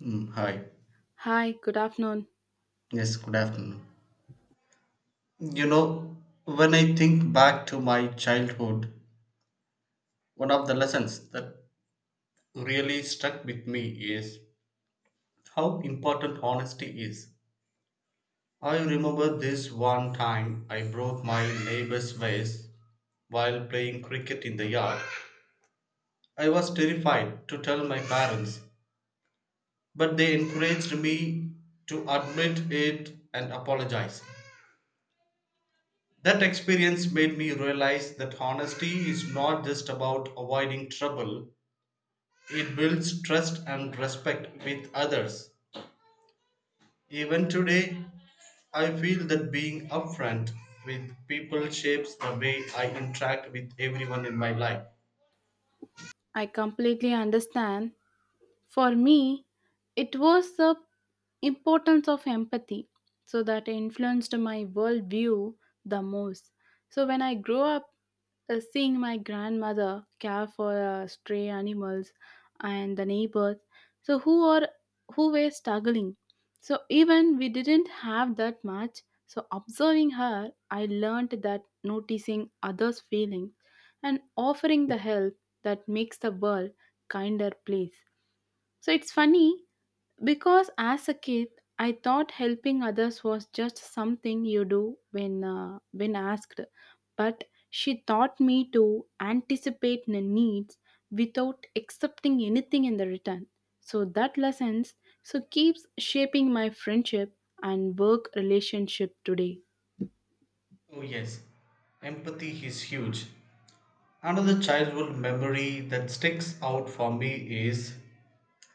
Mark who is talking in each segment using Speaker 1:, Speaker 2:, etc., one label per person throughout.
Speaker 1: Hi.
Speaker 2: Hi, good afternoon.
Speaker 1: Yes, good afternoon. You know, when I think back to my childhood, one of the lessons that really stuck with me is how important honesty is. I remember this one time I broke my neighbor's vase while playing cricket in the yard. I was terrified to tell my parents, but they encouraged me to admit it and apologize. That experience made me realize that honesty is not just about avoiding trouble, it builds trust and respect with others. Even today, I feel that being upfront with people shapes the way I interact with everyone in my life.
Speaker 2: I completely understand. For me, it was the importance of empathy, so that influenced my worldview the most. So when I grew up seeing my grandmother care for stray animals and the neighbors so who are who were struggling, so even we didn't have that much, so observing her I learned that noticing others feelings and offering the help that makes the world kinder place. So it's funny because as a kid, I thought helping others was just something you do when asked, but she taught me to anticipate the needs without accepting anything in the return. So that lessons so keeps shaping my friendship and work relationship today.
Speaker 1: Oh, yes, empathy is huge. Another childhood memory that sticks out for me is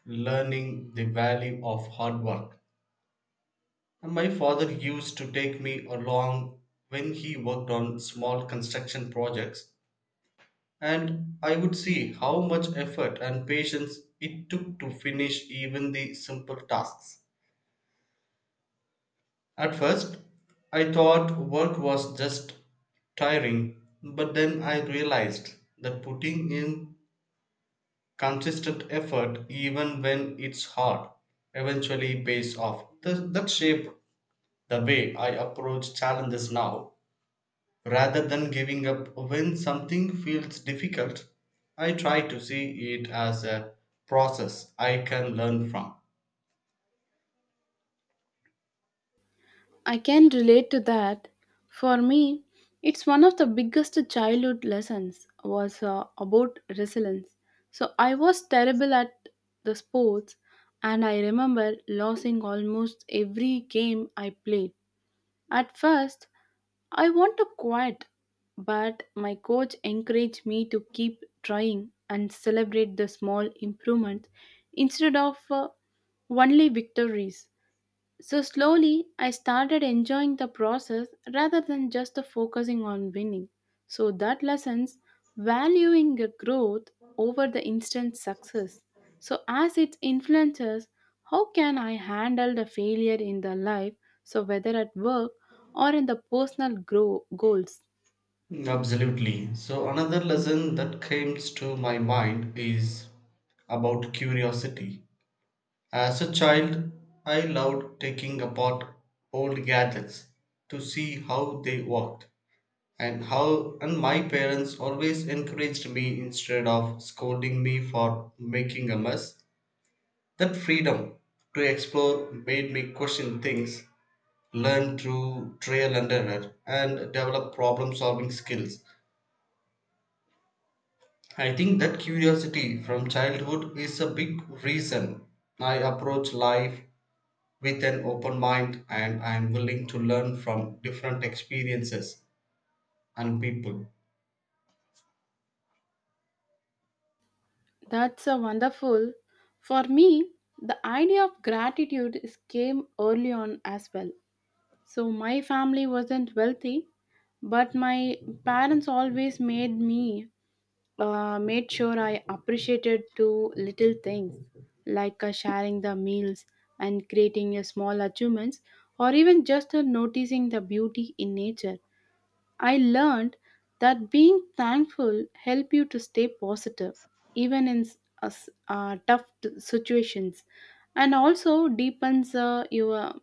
Speaker 1: learning the value of hard work. My father used to take me along when he worked on small construction projects, and I would see how much effort and patience it took to finish even the simple tasks. At first, I thought work was just tiring, but then I realized that putting in consistent effort, even when it's hard, eventually pays off. That shaped the way I approach challenges now. Rather than giving up when something feels difficult, I try to see it as a process I can learn from.
Speaker 2: I can relate to that. For me, it's one of the biggest childhood lessons was about resilience. So I was terrible at the sports, and I remember losing almost every game I played. At first, I want to quit, but my coach encouraged me to keep trying and celebrate the small improvements instead of only victories. So slowly, I started enjoying the process rather than just the focusing on winning. So that lessons valuing the growth over the instant success. So as it influences, how can I handle the failure in the life? So whether at work or in the personal grow goals.
Speaker 1: Absolutely. So, another lesson that came to my mind is about curiosity. As a child, I loved taking apart old gadgets to see how they worked and how, and my parents always encouraged me instead of scolding me for making a mess. That freedom to explore made me question things, learn through trial and error, and develop problem solving skills. I think that curiosity from childhood is a big reason I approach life with an open mind, and I am willing to learn from different experiences and people.
Speaker 2: That's a wonderful. For me, the idea of gratitude is came early on as well. So my family wasn't wealthy, but my parents always made me made sure I appreciated two little things like sharing the meals and creating a small achievements or even just noticing the beauty in nature. I learned that being thankful help you to stay positive even in tough situations, and also deepens your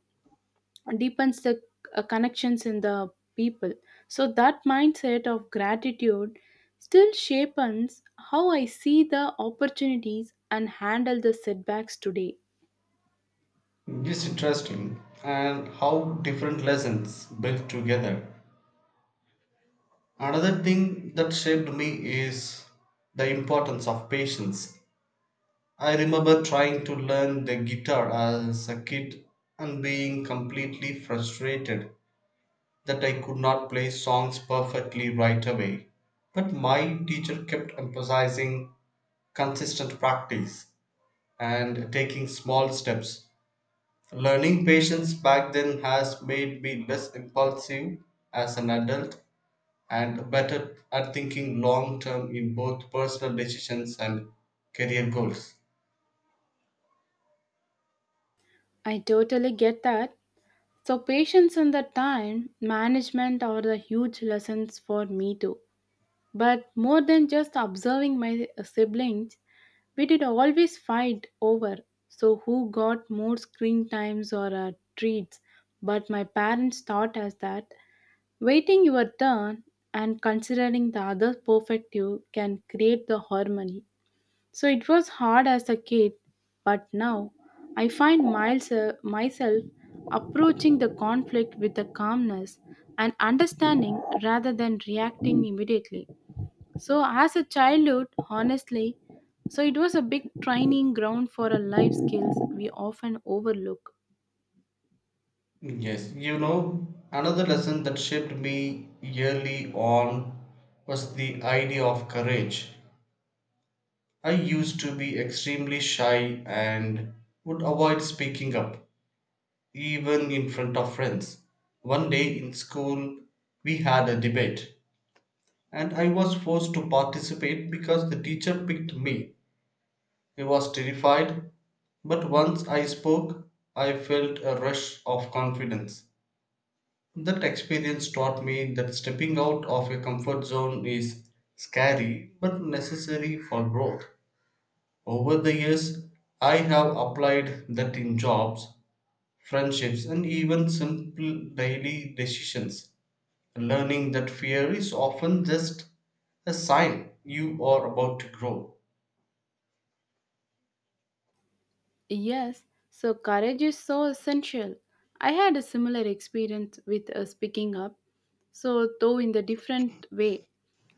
Speaker 2: deepens the connections in the people. So that mindset of gratitude still shapes how I see the opportunities and handle the setbacks today.
Speaker 1: It's interesting and how different lessons build together. Another thing that shaped me is the importance of patience. I remember trying to learn the guitar as a kid and being completely frustrated that I could not play songs perfectly right away. But my teacher kept emphasizing consistent practice and taking small steps. Learning patience back then has made me less impulsive as an adult and better at thinking long term in both personal decisions and career goals.
Speaker 2: I totally get that. So patience and the time management are the huge lessons for me too, but more than just observing my siblings, we did always fight over so who got more screen times or treats, but my parents taught us that waiting your turn and considering the other's perspective can create the harmony. So it was hard as a kid, but now I find myself approaching the conflict with the calmness and understanding rather than reacting immediately. So as a childhood, honestly, so it was a big training ground for our life skills we often overlook.
Speaker 1: Yes, you know, another lesson that shaped me early on was the idea of courage. I used to be extremely shy and would avoid speaking up, even in front of friends. One day in school, we had a debate, and I was forced to participate because the teacher picked me. I was terrified, but once I spoke, I felt a rush of confidence. That experience taught me that stepping out of a comfort zone is scary but necessary for growth. Over the years, I have applied that in jobs, friendships, and even simple daily decisions, learning that fear is often just a sign you are about to grow.
Speaker 2: Yes, so courage is so essential. I had a similar experience with speaking up, so though in the different way.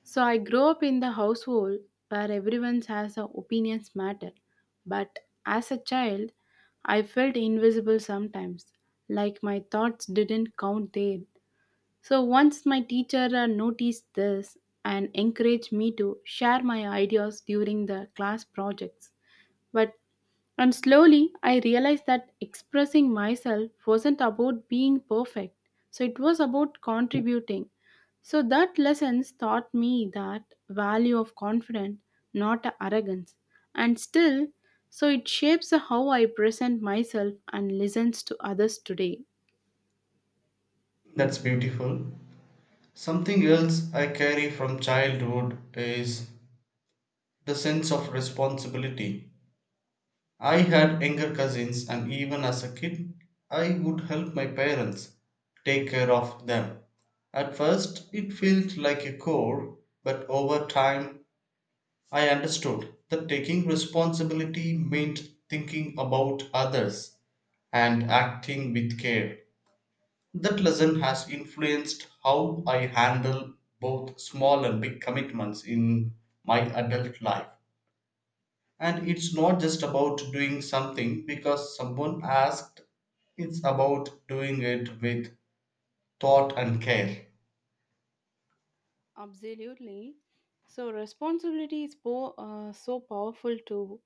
Speaker 2: So I grew up in the household where everyone has their opinions matter, but as a child, I felt invisible sometimes, like my thoughts didn't count there. So once my teacher noticed this and encouraged me to share my ideas during the class projects. But and slowly I realized that expressing myself wasn't about being perfect. So it was about contributing. So that lessons taught me that value of confidence, not arrogance. And still, so it shapes how I present myself and listens to others today.
Speaker 1: That's beautiful. Something else I carry from childhood is the sense of responsibility. I had younger cousins, and even as a kid, I would help my parents take care of them. At first, it felt like a chore, but over time, I understood that taking responsibility meant thinking about others and acting with care. That lesson has influenced how I handle both small and big commitments in my adult life. And it's not just about doing something because someone asked, it's about doing it with thought and care.
Speaker 2: Absolutely. So responsibility is so powerful too.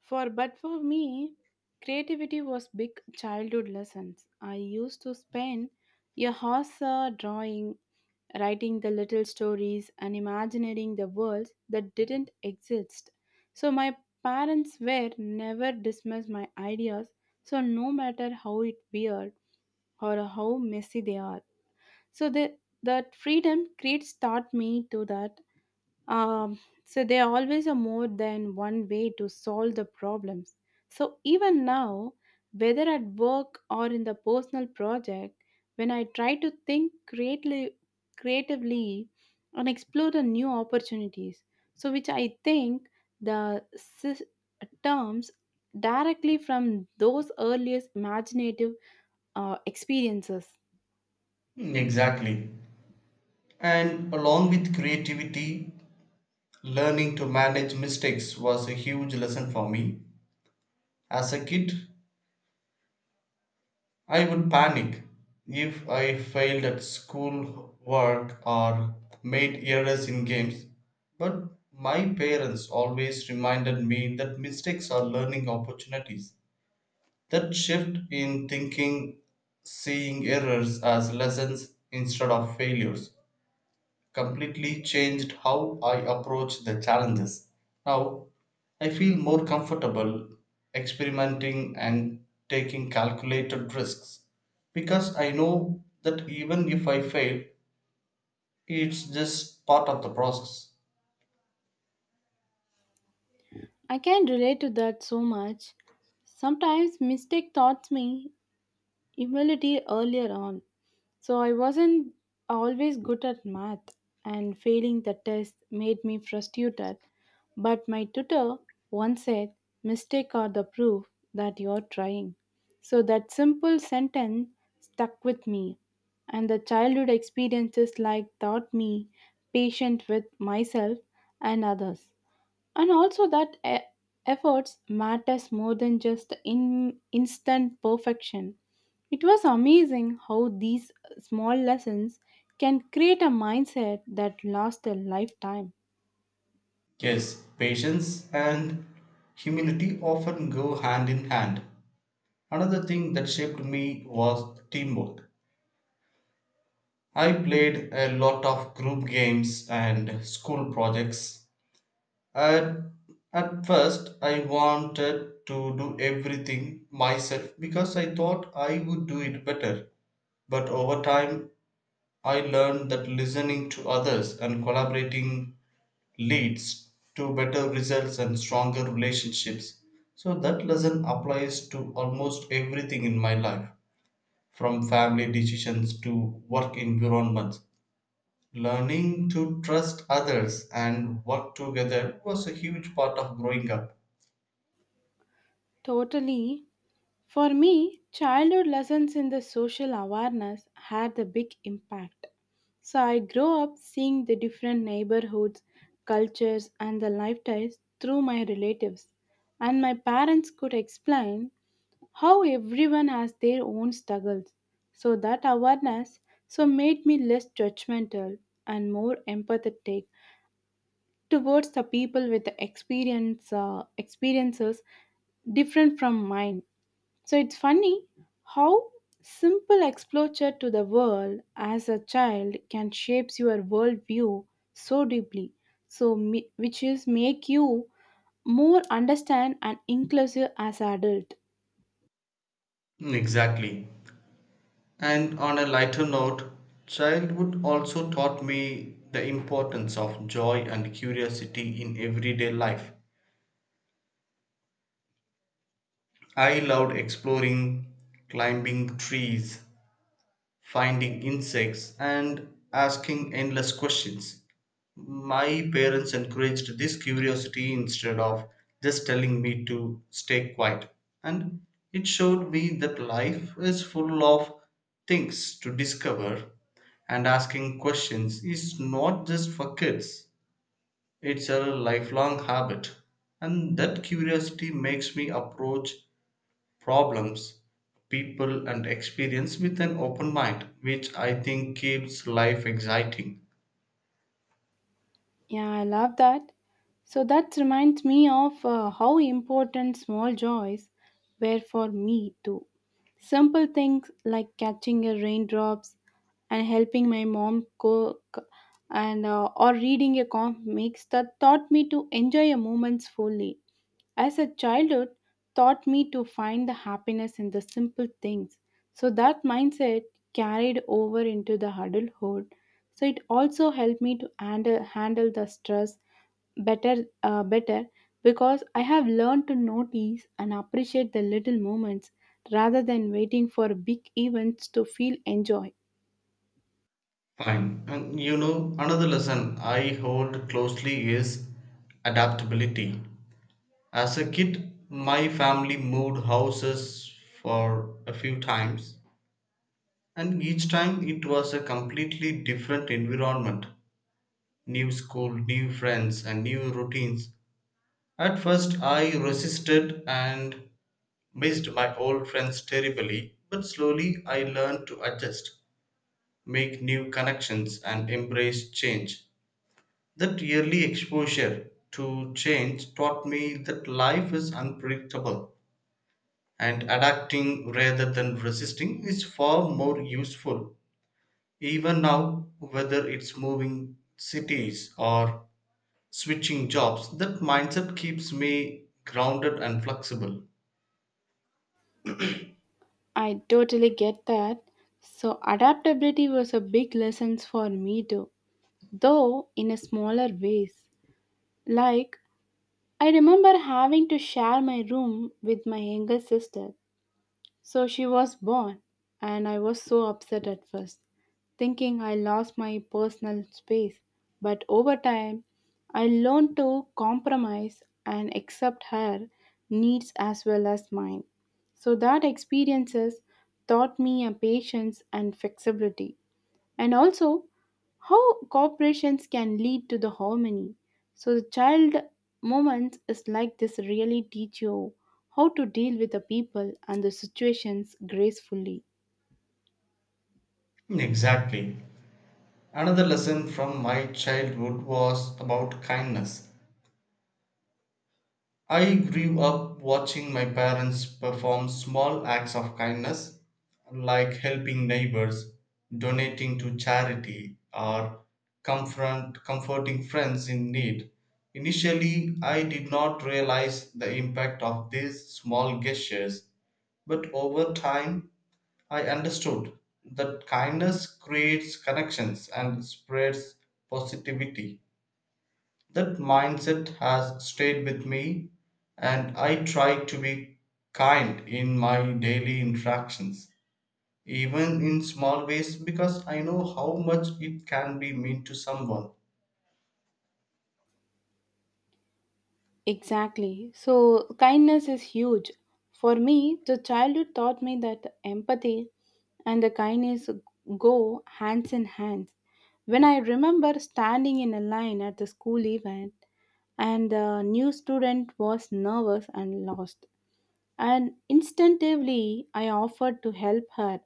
Speaker 2: For but for me, creativity was big childhood lessons. I used to spend a hours drawing, writing the little stories, and imagining the worlds that didn't exist. So my parents were never dismissed my ideas. So no matter how it weird or how messy they are, so the, that freedom creates taught me to that so there are always are more than one way to solve the problems. So even now, whether at work or in the personal project, when I try to think creatively and explore the new opportunities, so which I think the terms directly from those earliest imaginative experiences.
Speaker 1: Exactly. And along with creativity, learning to manage mistakes was a huge lesson for me. As a kid, I would panic if I failed at school work or made errors in games. But my parents always reminded me that mistakes are learning opportunities. That shift in thinking, seeing errors as lessons instead of failures, completely changed how I approach the challenges. Now, I feel more comfortable experimenting and taking calculated risks because I know that even if I fail, it's just part of the process.
Speaker 2: I can relate to that so much. Sometimes mistake taught me humility earlier on. So I wasn't always good at math, and failing the test made me frustrated. But my tutor once said, mistake are the proof that you're trying. So that simple sentence stuck with me, and the childhood experiences like taught me patient with myself and others, and also that efforts matters more than just in instant perfection. It was amazing how these small lessons can create a mindset that lasts a lifetime.
Speaker 1: Yes, patience and humility often go hand in hand. Another thing that shaped me was teamwork. I played a lot of group games and school projects. At, at first, I wanted to do everything myself because I thought I would do it better. But over time, I learned that listening to others and collaborating leads to better results and stronger relationships. So, that lesson applies to almost everything in my life, from family decisions to work environments. Learning to trust others and work together was a huge part of growing up.
Speaker 2: Totally. For me, childhood lessons in the social awareness had a big impact. So I grew up seeing the different neighborhoods, cultures and the lifestyles through my relatives, and my parents could explain how everyone has their own struggles. So that awareness so made me less judgmental and more empathetic towards the people with the experiences different from mine. So it's funny how simple exposure to the world as a child can shapes your worldview so deeply. So which is make you more understand and inclusive as an adult.
Speaker 1: Exactly. And on a lighter note, childhood also taught me the importance of joy and curiosity in everyday life. I loved exploring, climbing trees, finding insects, and asking endless questions. My parents encouraged this curiosity instead of just telling me to stay quiet, and it showed me that life is full of things to discover, and asking questions is not just for kids, it's a lifelong habit, and that curiosity makes me approach problems, people, and experience with an open mind, which I think keeps life exciting.
Speaker 2: Yeah, I love that. So that reminds me of how important small joys were for me too. Simple things like catching a raindrops and helping my mom cook and or reading a comic makes that taught me to enjoy a moments fully. As a childhood taught me to find the happiness in the simple things. So that mindset carried over into the adulthood. So it also helped me to handle the stress better, because I have learned to notice and appreciate the little moments rather than waiting for big events to feel enjoy.
Speaker 1: Fine. And you know, another lesson I hold closely is adaptability. As a kid, my family moved houses for a few times, and each time it was a completely different environment: new school, new friends, and new routines. At first, I resisted and missed my old friends terribly, but slowly I learned to adjust, make new connections, and embrace change. That yearly exposure to change taught me that life is unpredictable, and adapting rather than resisting is far more useful. Even now, whether it's moving cities or switching jobs, that mindset keeps me grounded and flexible.
Speaker 2: I totally get that. So adaptability was a big lesson for me too, though in a smaller ways. Like I remember having to share my room with my younger sister. So she was born, and I was so upset at first, thinking I lost my personal space. But over time, I learned to compromise and accept her needs as well as mine. So that experiences taught me a patience and flexibility, and also how corporations can lead to the harmony. So the child moments is like this really teach you how to deal with the people and the situations gracefully.
Speaker 1: Exactly. Another lesson from my childhood was about kindness. I grew up watching my parents perform small acts of kindness, like helping neighbors, donating to charity, or comforting friends in need. Initially, I did not realize the impact of these small gestures, but over time, I understood that kindness creates connections and spreads positivity. That mindset has stayed with me, and I try to be kind in my daily interactions, even in small ways, because I know how much it can be mean to someone.
Speaker 2: Exactly. So kindness is huge. For me, the childhood taught me that empathy and the kindness go hands in hand. When I remember standing in a line at the school event, and the new student was nervous and lost, and instinctively I offered to help her,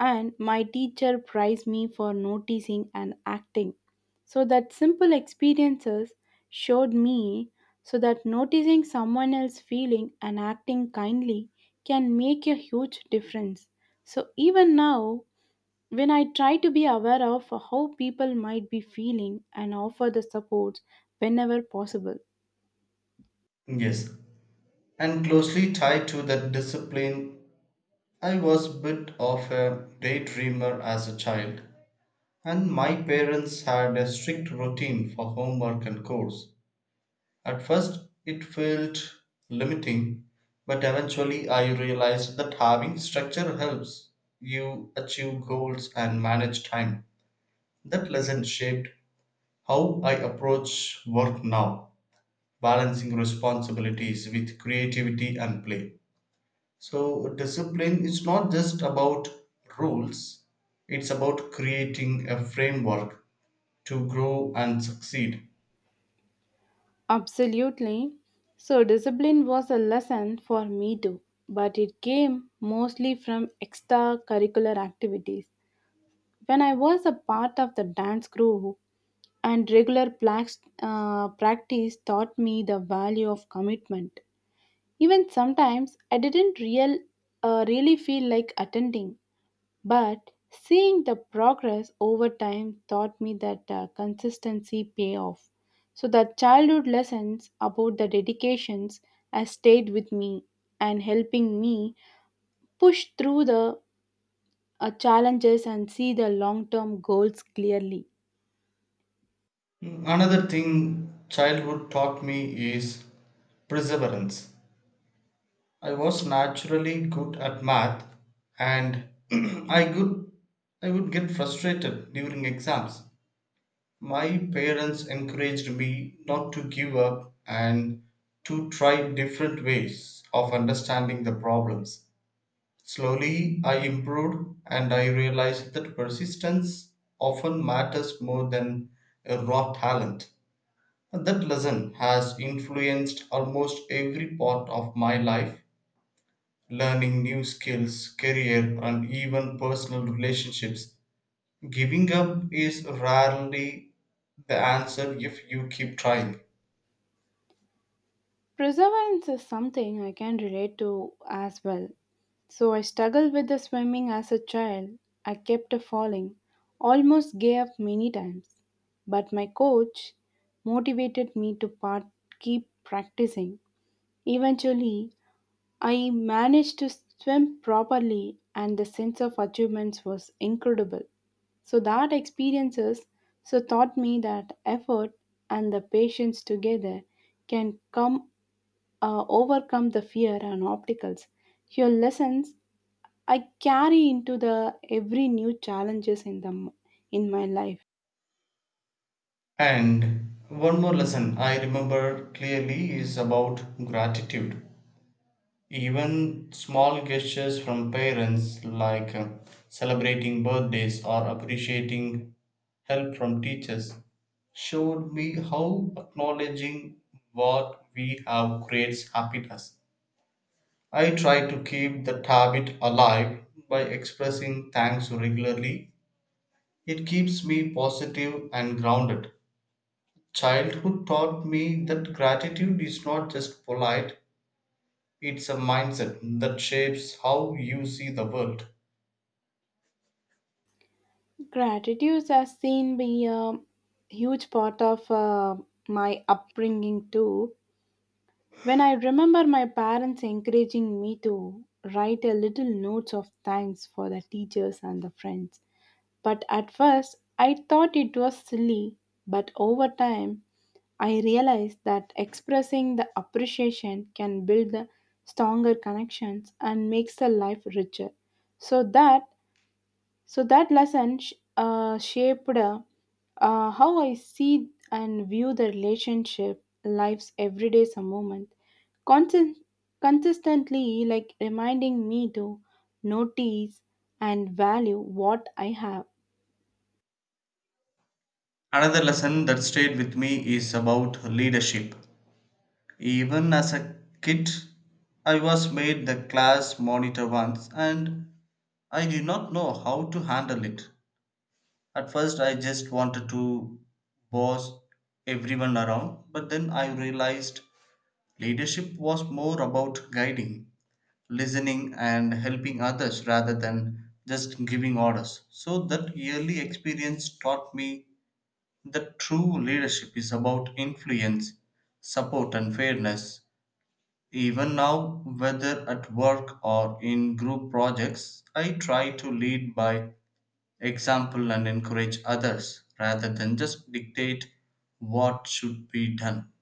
Speaker 2: and my teacher praised me for noticing and acting. So that simple experiences showed me so that noticing someone else's feeling and acting kindly can make a huge difference. So even now, when I try to be aware of how people might be feeling and offer the support whenever possible.
Speaker 1: Yes, and closely tied to that, discipline. I was a bit of a daydreamer as a child, and my parents had a strict routine for homework and chores. At first, it felt limiting, but eventually I realized that having structure helps you achieve goals and manage time. That lesson shaped how I approach work now, balancing responsibilities with creativity and play. So, discipline is not just about rules, it's about creating a framework to grow and succeed.
Speaker 2: Absolutely. So, discipline was a lesson for me too, but it came mostly from extracurricular activities. When I was a part of the dance crew, and regular practice taught me the value of commitment. Even sometimes I didn't real, really feel like attending, but seeing the progress over time taught me that consistency pay off. So the childhood lessons about the dedications has stayed with me and helping me push through the challenges and see the long-term goals clearly.
Speaker 1: Another thing childhood taught me is perseverance. I was naturally good at math, and I could I would get frustrated during exams. My parents encouraged me not to give up and to try different ways of understanding the problems. Slowly I improved, and I realized that persistence often matters more than a raw talent. That lesson has influenced almost every part of my life. Learning new skills, career, and even personal relationships. Giving up is rarely the answer if you keep trying.
Speaker 2: Perseverance is something I can relate to as well. So I struggled with the swimming as a child. I kept falling, almost gave up many times. But my coach motivated me to keep practicing. Eventually, I managed to swim properly, and the sense of achievements was incredible. So that experiences so taught me that effort and the patience together can come overcome the fear and obstacles. Your lessons I carry into the every new challenges in the in my life.
Speaker 1: And one more lesson I remember clearly is about gratitude. Even small gestures from parents, like celebrating birthdays or appreciating help from teachers, showed me how acknowledging what we have creates happiness. I try to keep that habit alive by expressing thanks regularly. It keeps me positive and grounded. Childhood taught me that gratitude is not just polite, it's a mindset that shapes how you see the world.
Speaker 2: Gratitude has seen be a huge part of my upbringing too. When I remember my parents encouraging me to write a little notes of thanks for the teachers and the friends. But at first, I thought it was silly, but over time, I realized that expressing the appreciation can build the stronger connections and makes the life richer. So that lesson shaped how I see and view the relationship, life's everyday some moment. Constant, Consistently, like reminding me to notice and value what I have.
Speaker 1: Another lesson that stayed with me is about leadership. Even as a kid, I was made the class monitor once, and I did not know how to handle it. At first, I just wanted to boss everyone around, but then I realized leadership was more about guiding, listening, and helping others rather than just giving orders. So, that yearly experience taught me that true leadership is about influence, support, and fairness. Even now, whether at work or in group projects, I try to lead by example and encourage others rather than just dictate what should be done.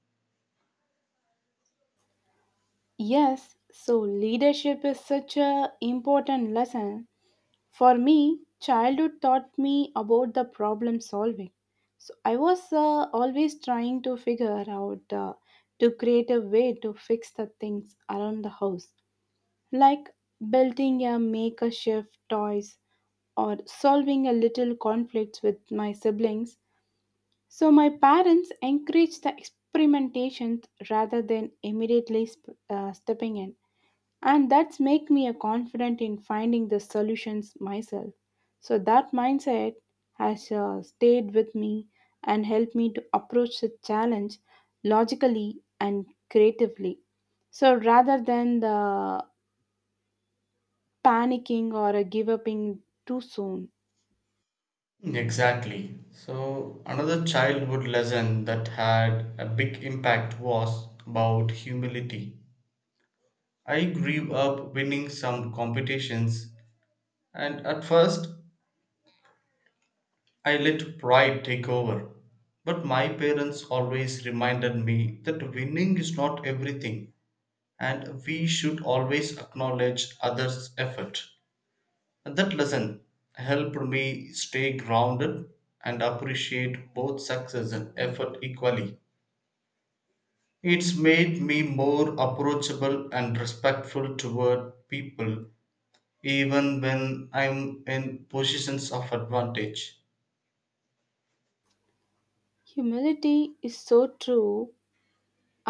Speaker 2: Yes, so leadership is such a important lesson. For me, childhood taught me about the problem solving. So I was always trying to figure out to create a way to fix the things around the house, like building a makeshift toys or solving a little conflicts with my siblings. So my parents encouraged the experimentation rather than immediately stepping in, and that's make me a confident in finding the solutions myself. So that mindset has stayed with me and helped me to approach the challenge logically and creatively, so rather than the panicking or a give up in too soon.
Speaker 1: Exactly. So, another childhood lesson that had a big impact was about humility. I grew up winning some competitions, and at first, I let pride take over. But my parents always reminded me that winning is not everything, and we should always acknowledge others' effort. And that lesson helped me stay grounded and appreciate both success and effort equally. It's made me more approachable and respectful toward people even when I'm in positions of advantage.
Speaker 2: Humility is so true.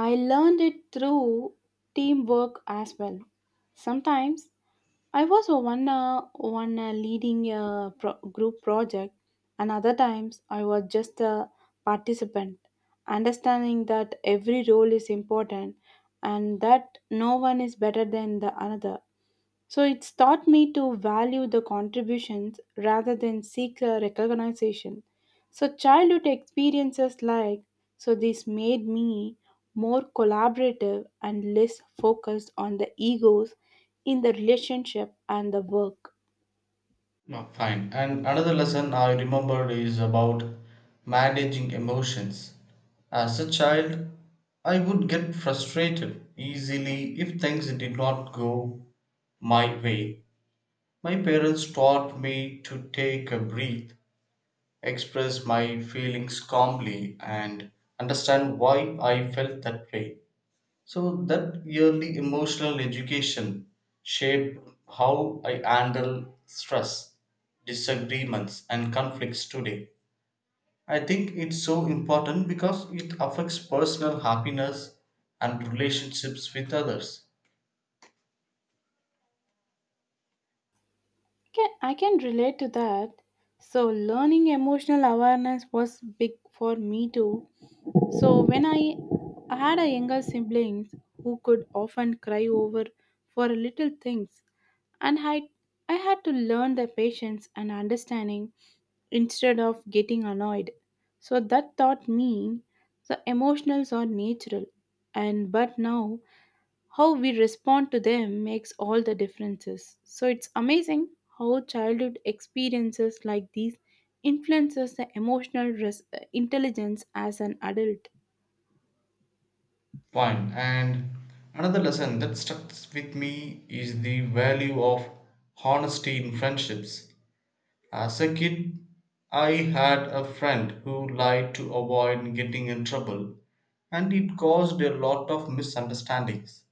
Speaker 2: I learned it through teamwork as well. Sometimes I was a one leading a group project, and other times I was just a participant. Understanding that every role is important, and that no one is better than the another, so it's taught me to value the contributions rather than seek a recognition. So childhood experiences like so this made me more collaborative and less focused on the egos in the relationship and the work.
Speaker 1: No, fine. And another lesson I remembered is about managing emotions. As a child, I would get frustrated easily if things did not go my way. My parents taught me to take a breath, express my feelings calmly, and understand why I felt that way. So that yearly emotional education shaped how I handle stress, disagreements, and conflicts today. I think it's so important because it affects personal happiness and relationships with others.
Speaker 2: I can relate to that. So, learning emotional awareness was big for me too. So, when I had a younger siblings who could often cry over for little things, and I had to learn their patience and understanding instead of getting annoyed. So that taught me the emotions are natural, and but now how we respond to them makes all the differences. So it's amazing how childhood experiences like these influences the emotional intelligence as an adult.
Speaker 1: Fine. And another lesson that stuck with me is the value of honesty in friendships. As a kid, I had a friend who lied to avoid getting in trouble, and it caused a lot of misunderstandings.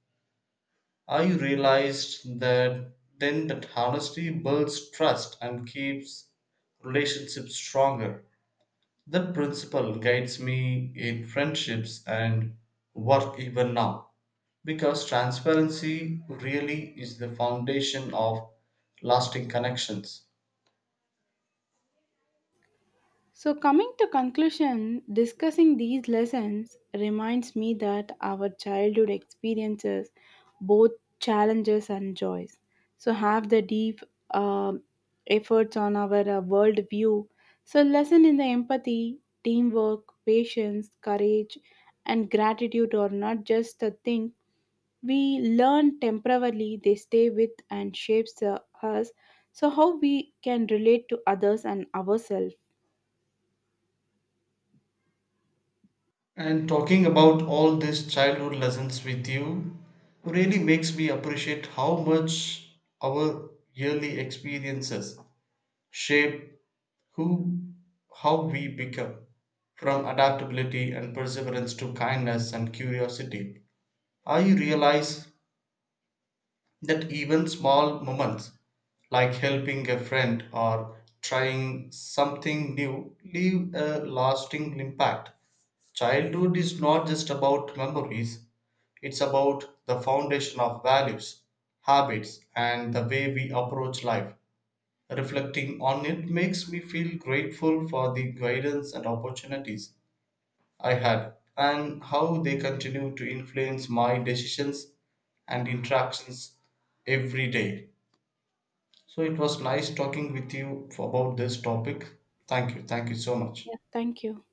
Speaker 1: I realized that then that honesty builds trust and keeps relationships stronger. That principle guides me in friendships and work even now because transparency really is the foundation of lasting connections.
Speaker 2: So, coming to conclusion, discussing these lessons reminds me that our childhood experiences, both challenges and joys, so have the deep um efforts on our world view. So, lesson in the empathy, teamwork, patience, courage, and gratitude are not just a thing we learn temporarily; they stay with and shapes us. So, how we can relate to others and ourselves.
Speaker 1: And talking about all these childhood lessons with you really makes me appreciate how much our yearly experiences shape who how we become, from adaptability and perseverance to kindness and curiosity. I realize that even small moments like helping a friend or trying something new leave a lasting impact. Childhood is not just about memories, it's about the foundation of values, habits, and the way we approach life. Reflecting on it makes me feel grateful for the guidance and opportunities I had and how they continue to influence my decisions and interactions every day. So it was nice talking with you about this topic. Thank you. Thank you so much.
Speaker 2: Yeah, thank you.